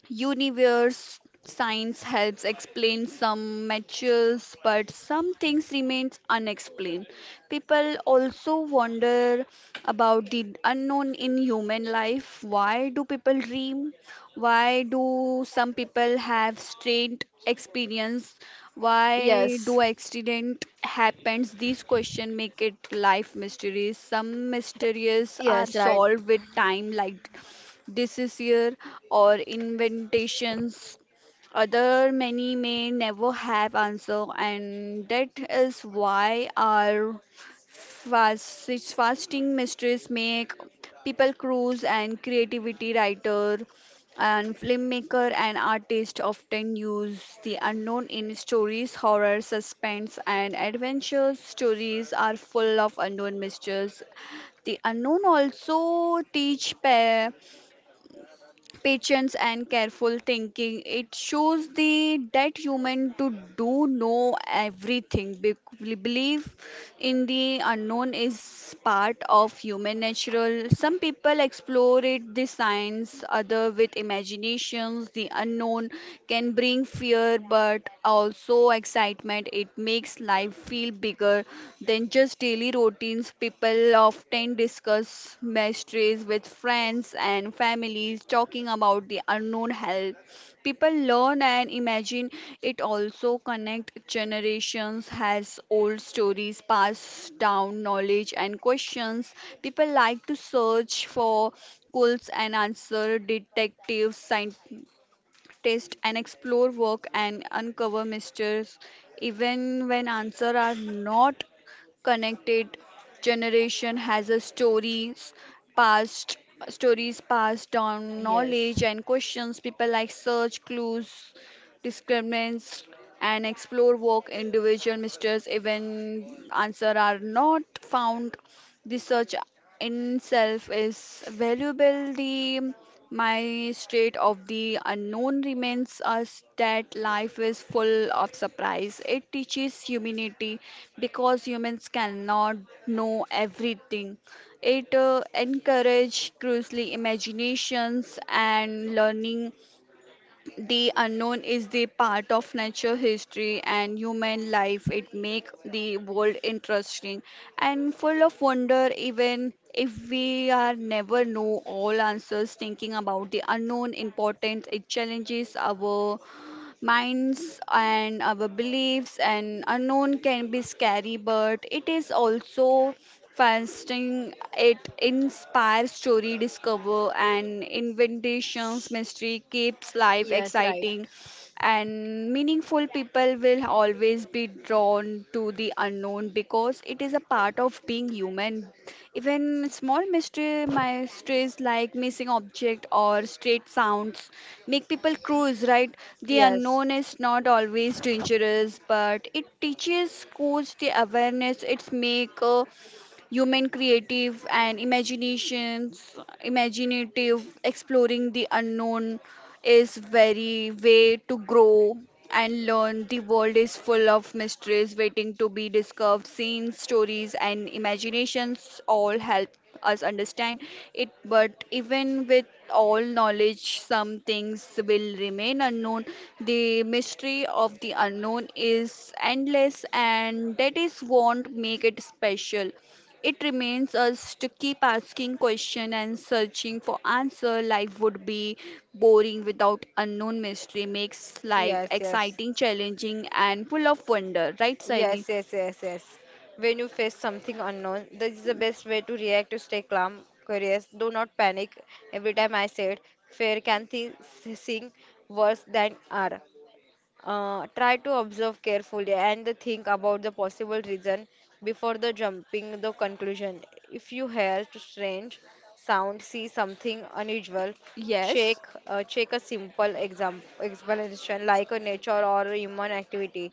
S2: Universe. Science helps explain some materials, but some things remains unexplained. People also wonder about the unknown in human life. Why do people dream? Why do some people have strange experience? Why
S1: yes.
S2: do accident happens? These questions make it life mysteries. Some mysteries are
S1: Yes, right.
S2: solved with time, like diseases, or inventions. Other many may never have answer, and that is why our fast, fasting mysteries make people cruise and creativity. Writer and filmmaker and artist often use the unknown in stories. Horror, suspense, and adventure stories are full of unknown mysteries. The unknown also teach patience and careful thinking. It shows the that human to do know everything. Belief in the unknown is part of human natural. Some people explore it the science, other with imaginations. The unknown can bring fear, but also excitement. It makes life feel bigger than just daily routines. People often discuss mysteries with friends and families. Talking about the unknown help people learn and imagine. It also connect generations, has old stories pass down knowledge and questions. People like to search for schools and answer detectives, science test and explore work and uncover mysteries even when answers are not connected. Generation has a stories past, stories passed down
S1: Yes.
S2: knowledge and questions. People like search clues, discriminates and explore work individual mysteries even answer are not found. Research in itself is valuable. The my state of the unknown remains us that life is full of surprise. It teaches humanity because humans cannot know everything. It encourages closely imaginations and learning. The unknown is the part of nature, history, and human life. It makes the world interesting and full of wonder, even if we are never know all answers. Thinking about the unknown importance, it challenges our minds and our beliefs. And unknown can be scary, but it is also fasting. It inspires story, discover and inventations. Mystery keeps life
S1: Yes, right.
S2: exciting and meaningful. People will always be drawn to the unknown because it is a part of being human. Even small mystery mysteries like missing object or strange sounds make people curious, right? The
S1: Yes.
S2: unknown is not always dangerous, but it teaches courage, the awareness. It's make human creative and imaginations imaginative exploring the unknown is very way to grow and learn. The world is full of mysteries waiting to be discovered. Scenes, stories, and imaginations all help us understand it. But even with all knowledge, some things will remain unknown. The mystery of the unknown is endless, and that is what make it special. It remains us to keep asking question and searching for answer. Life would be boring without unknown mystery. Makes life
S1: Yes, yes.
S2: exciting, challenging, and full of wonder. Right, Siley?
S1: Yes, yes, yes, yes. When you face something unknown, this is the best way to react to stay calm, curious. Do not panic. Every time I said, fear can thi- seem worse than are. Try to observe carefully and think about the possible reason before the jumping the conclusion. If you hear strange sound, see something unusual,
S2: Yes,
S1: check check a simple exam explanation like a nature or a human activity.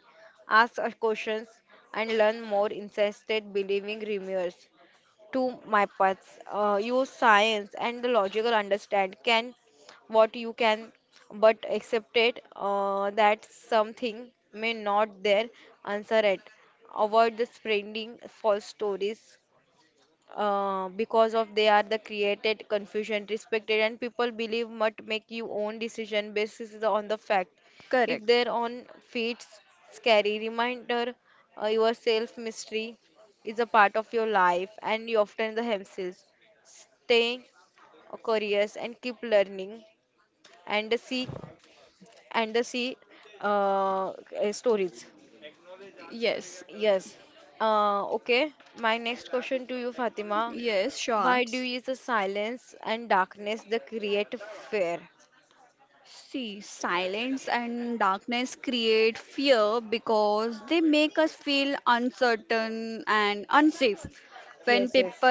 S1: Ask a questions and learn more insisted believing rumors to my paths. Use science and the logical understand can what you can, but accept it that something may not there answer it. Avoid the spreading false stories because of they are the created confusion respected and people believe must make you own decision basis is on the fact if
S2: correct.
S1: their own feats scary reminder your self mystery is a part of your life and you often the hemself stay curious and keep learning and the see and the see uh, stories.
S2: Yes,
S1: Yes. Okay. My next question to you, Fatima.
S2: yes,
S1: Why do you
S2: sharks.
S1: use the silence and darkness that create fear?
S2: See, silence and darkness create fear because they make us feel uncertain and unsafe. When
S1: Yes, yes.
S2: people,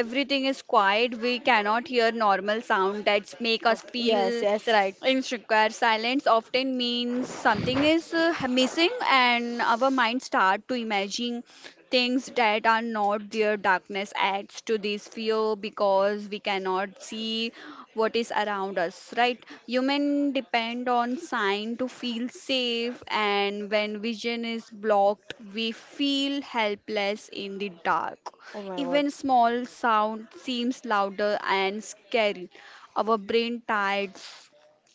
S2: everything is quiet, we cannot hear normal sound that make
S1: Oh,
S2: us
S1: yes,
S2: feel
S1: yes, right.
S2: insecure. Silence often means something is missing, and our mind start to imagine things that are not there. Darkness adds to this fear because we cannot see what is around us, right? Human depend on sign to feel safe, and when vision is blocked, we feel helpless in the dark.
S1: Oh my God.
S2: Even small sound seems louder and scary. Our brain tired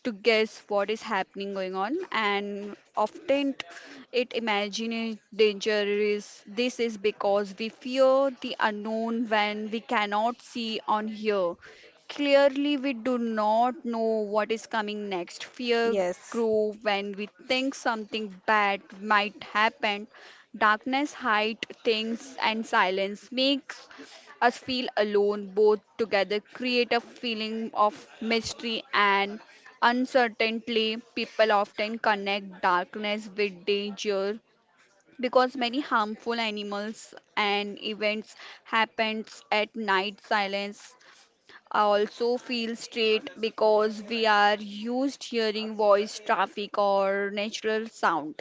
S2: to guess what is happening going on, and often it imagine danger. Is this is because we fear the unknown? When we cannot see on here clearly, we do not know what is coming next. Fear
S1: Yes,
S2: grow when we think something bad might happen. Darkness hide things, and silence makes us feel alone. Both together create a feeling of mystery and uncertainly. People often connect darkness with danger because many harmful animals and events happens at night. Silence also feels straight because we are used hearing voice, traffic or natural sound,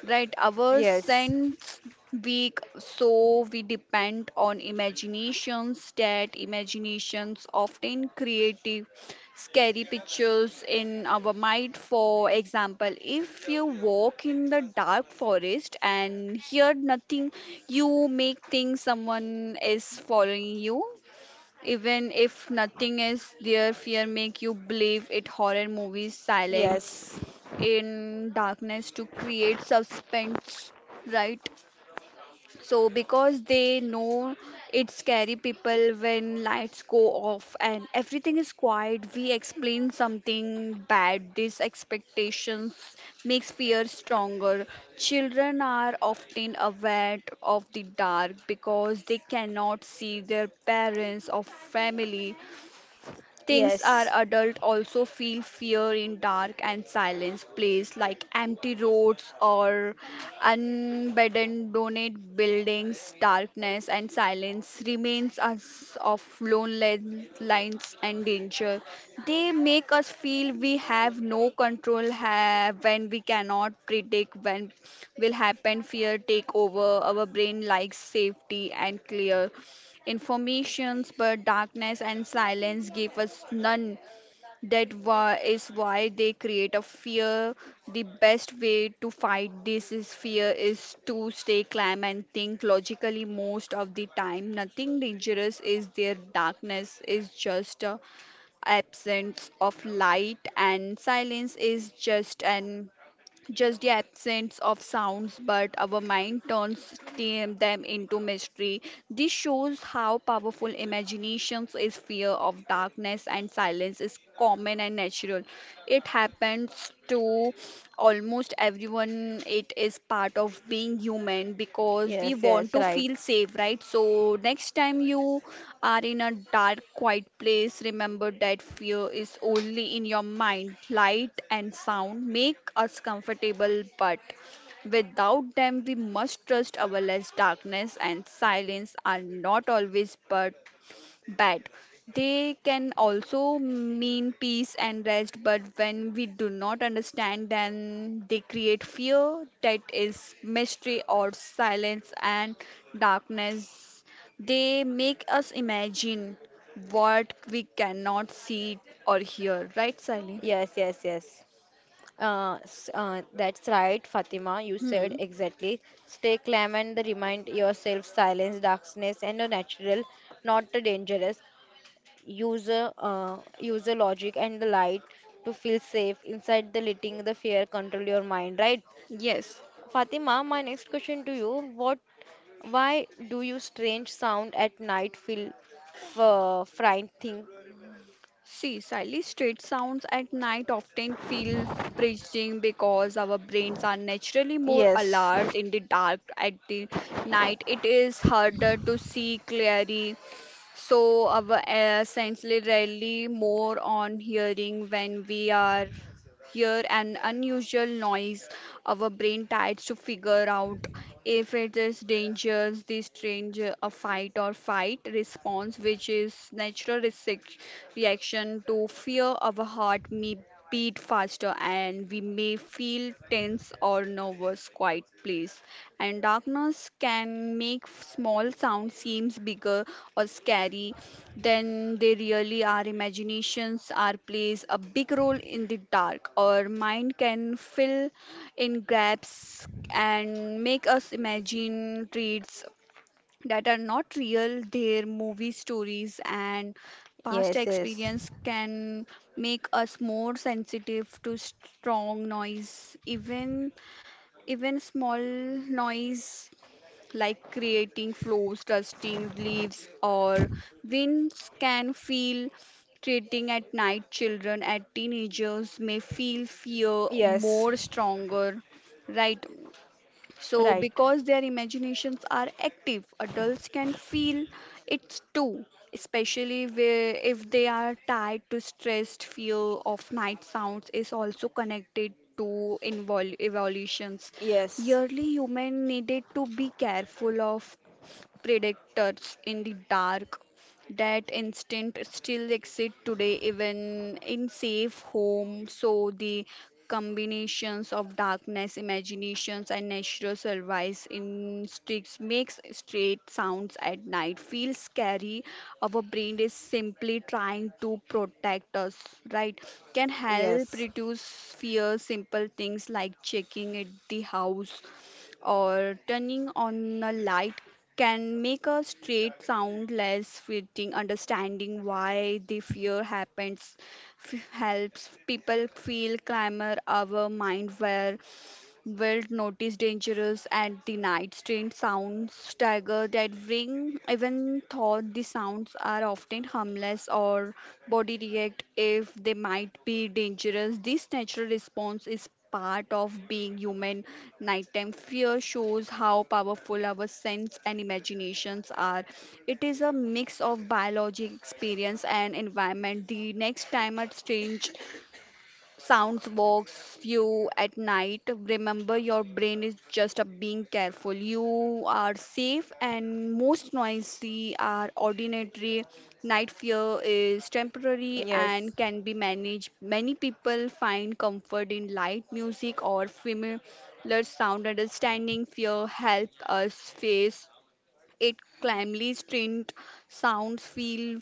S2: right? Our
S1: yes,
S2: sense weak, so we depend on imaginations. That imaginations often creative scary pictures in our mind. For example, if you walk in the dark forest and hear nothing, you make think someone is following you, even if nothing is there. Fear make you believe it. Horror movies silence
S1: yes,
S2: in darkness to create suspense, right? So, because they know it's scary people, when lights go off and everything is quiet, we explain something bad. These expectations makes fear stronger. Children are often aware of the dark because they cannot see their parents or family. Things are
S1: yes,
S2: adult also feel fear in dark and silence place like empty roads or abandoned buildings. Darkness and silence remains us of lonely lines and danger. They make us feel we have no control have when we cannot predict when will happen. Fear take over our brain like safety and clear informations, but darkness and silence gave us none. That is why they create a fear. The best way to fight this is fear is to stay calm and think logically. Most of the time, nothing dangerous is there. Darkness is just a absence of light, and silence is just the absence of sounds, but our mind turns them into mystery. This shows how powerful imagination is. Fear of darkness and silence is common and natural. It happens to almost everyone. It is part of being human because we
S1: yes,
S2: want
S1: yes,
S2: to
S1: right.
S2: feel safe, right? So next time you are in a dark, quiet place, remember that fear is only in your mind. Light and sound make us comfortable, but without them, we must trust our less. Darkness and silence are not always but bad. They can also mean peace and rest, but when we do not understand them, they create fear. That is mystery or silence and darkness. They make us imagine what we cannot see or hear, right, Sally?
S1: Yes, yes, yes. That's right, Fatima. You
S2: Hmm.
S1: said exactly. Stay calm and remind yourself silence, darkness, and a natural, not a dangerous. User user logic and the light to feel safe inside the letting the fear control your mind, right?
S2: Yes.
S1: Fatima, my next question to you, what, why do you strange sound at night feel f- fright?
S2: See, Sally, street sounds at night often feel freezing because our brains are naturally more
S1: Yes.
S2: alert in the dark. At the night, it is harder to see clearly, so our essentially rely more on hearing. When we are hear an unusual noise, our brain tries to figure out if it is dangerous. This stranger, a fight or fight response, which is natural reaction to fear. Our heart may beat faster, and we may feel tense or nervous. Quiet, please and darkness can make small sounds seems bigger or scary than they really are. Imaginations are plays a big role in the dark. Our mind can fill in gaps and make us imagine traits that are not real. Their movie stories and past
S1: Yes, yes,
S2: experience can make us more sensitive to strong noise. Even small noise like creating flows, dusting leaves, or winds can feel treating at night. Children at teenagers may feel fear
S1: yes,
S2: more stronger, right? So,
S1: right.
S2: because their imaginations are active, adults can feel it too, especially if they are tied to stressed. Fear of night sounds is also connected to invol evolutions.
S1: Yes.
S2: Yearly human needed to be careful of predators in the dark. That instinct still exists today, even in safe homes. So the combinations of darkness, imaginations, and natural survival instincts makes straight sounds at night feel scary. Our brain is simply trying to protect us, right? Can help
S1: Yes,
S2: reduce fear. Simple things like checking at the house or turning on a light can make a straight sound less fitting. Understanding why the fear happens helps people feel calmer. Our mind where wild notice dangerous, and the night strange sounds stagger that ring, even though the sounds are often harmless. Or body react if they might be dangerous. This natural response is part of being human. Nighttime fear shows how powerful our sense and imaginations are. It is a mix of biology, experience, and environment. The next time a strange sounds walks you at night, remember your brain is just a being careful. You are safe, and most noisy are ordinary. Night fear is temporary and
S1: yes.
S2: can be managed. Many people find comfort in light, music, or familiar sound. Understanding fear help us face it calmly. Strained sounds feel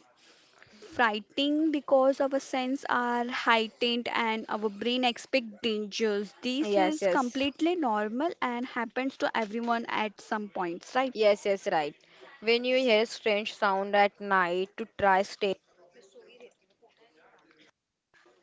S2: frightening because our sense are heightened, and our brain expect dangers. This is
S1: Yes, yes.
S2: completely normal and happens to everyone at some points, right?
S1: Yes, yes, right. When you hear strange sound at night to try stay.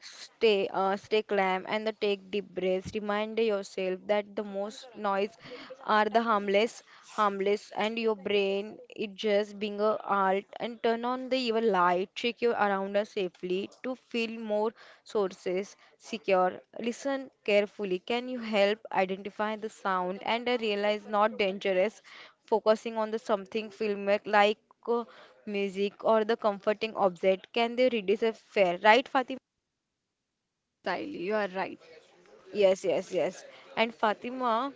S1: Stay, stay calm and the take deep breaths. Remind yourself that the most noise are the harmless, and your brain is just being a alt. And turn on the evil light. Check your around us safely to feel more sources secure. Listen carefully. Can you help identify the sound and realize not dangerous? Focusing on the something filmic like uh, music or the comforting object can they reduce a fear, right, Fatima?
S2: Exactly, you are right.
S1: Yes, yes, yes. And Fatima,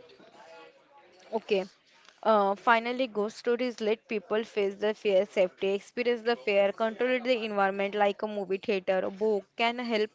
S1: okay. Finally, ghost stories let people face the fear, safety, experience the fear, control the environment like a movie theater, a book can help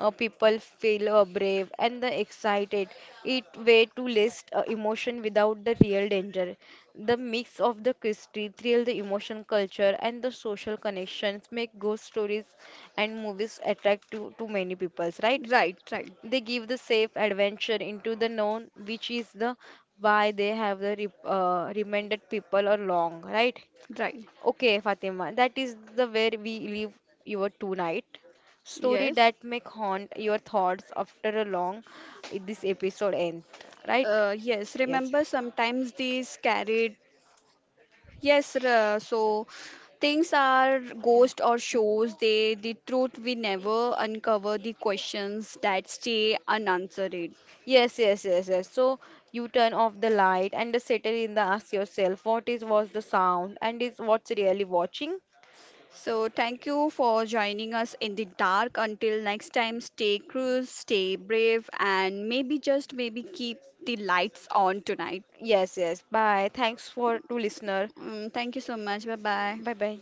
S1: people feel brave and the excited. It way to list emotion without the real danger. The mix of the history, thrill, the emotion, culture, and the social connections make ghost stories and movies attractive to many peoples, right?
S2: Right, right,
S1: They give the safe adventure into the known, which is the why they have the re reminded people are long, right?
S2: right.
S1: Okay, Fatima, that is the where we leave your tonight.
S2: Yes.
S1: Story that may haunt your thoughts after a long eh, this episode end, right?
S2: Yes,
S1: Yes.
S2: remember sometimes these carried. Yes, so things are ghost or shows. They the truth we never uncover, the questions that stay unanswered.
S1: Yes, yes, yes, yes. So you turn off the light and the settle in the ask yourself what is was the sound and is what's really watching?
S2: So thank you for joining us in the dark. Until next time, stay curious, stay brave, and maybe just maybe keep the lights on tonight.
S1: Yes, yes. Bye. Thanks for to listener.
S2: Mm, thank you so much. Bye bye.
S1: Bye bye.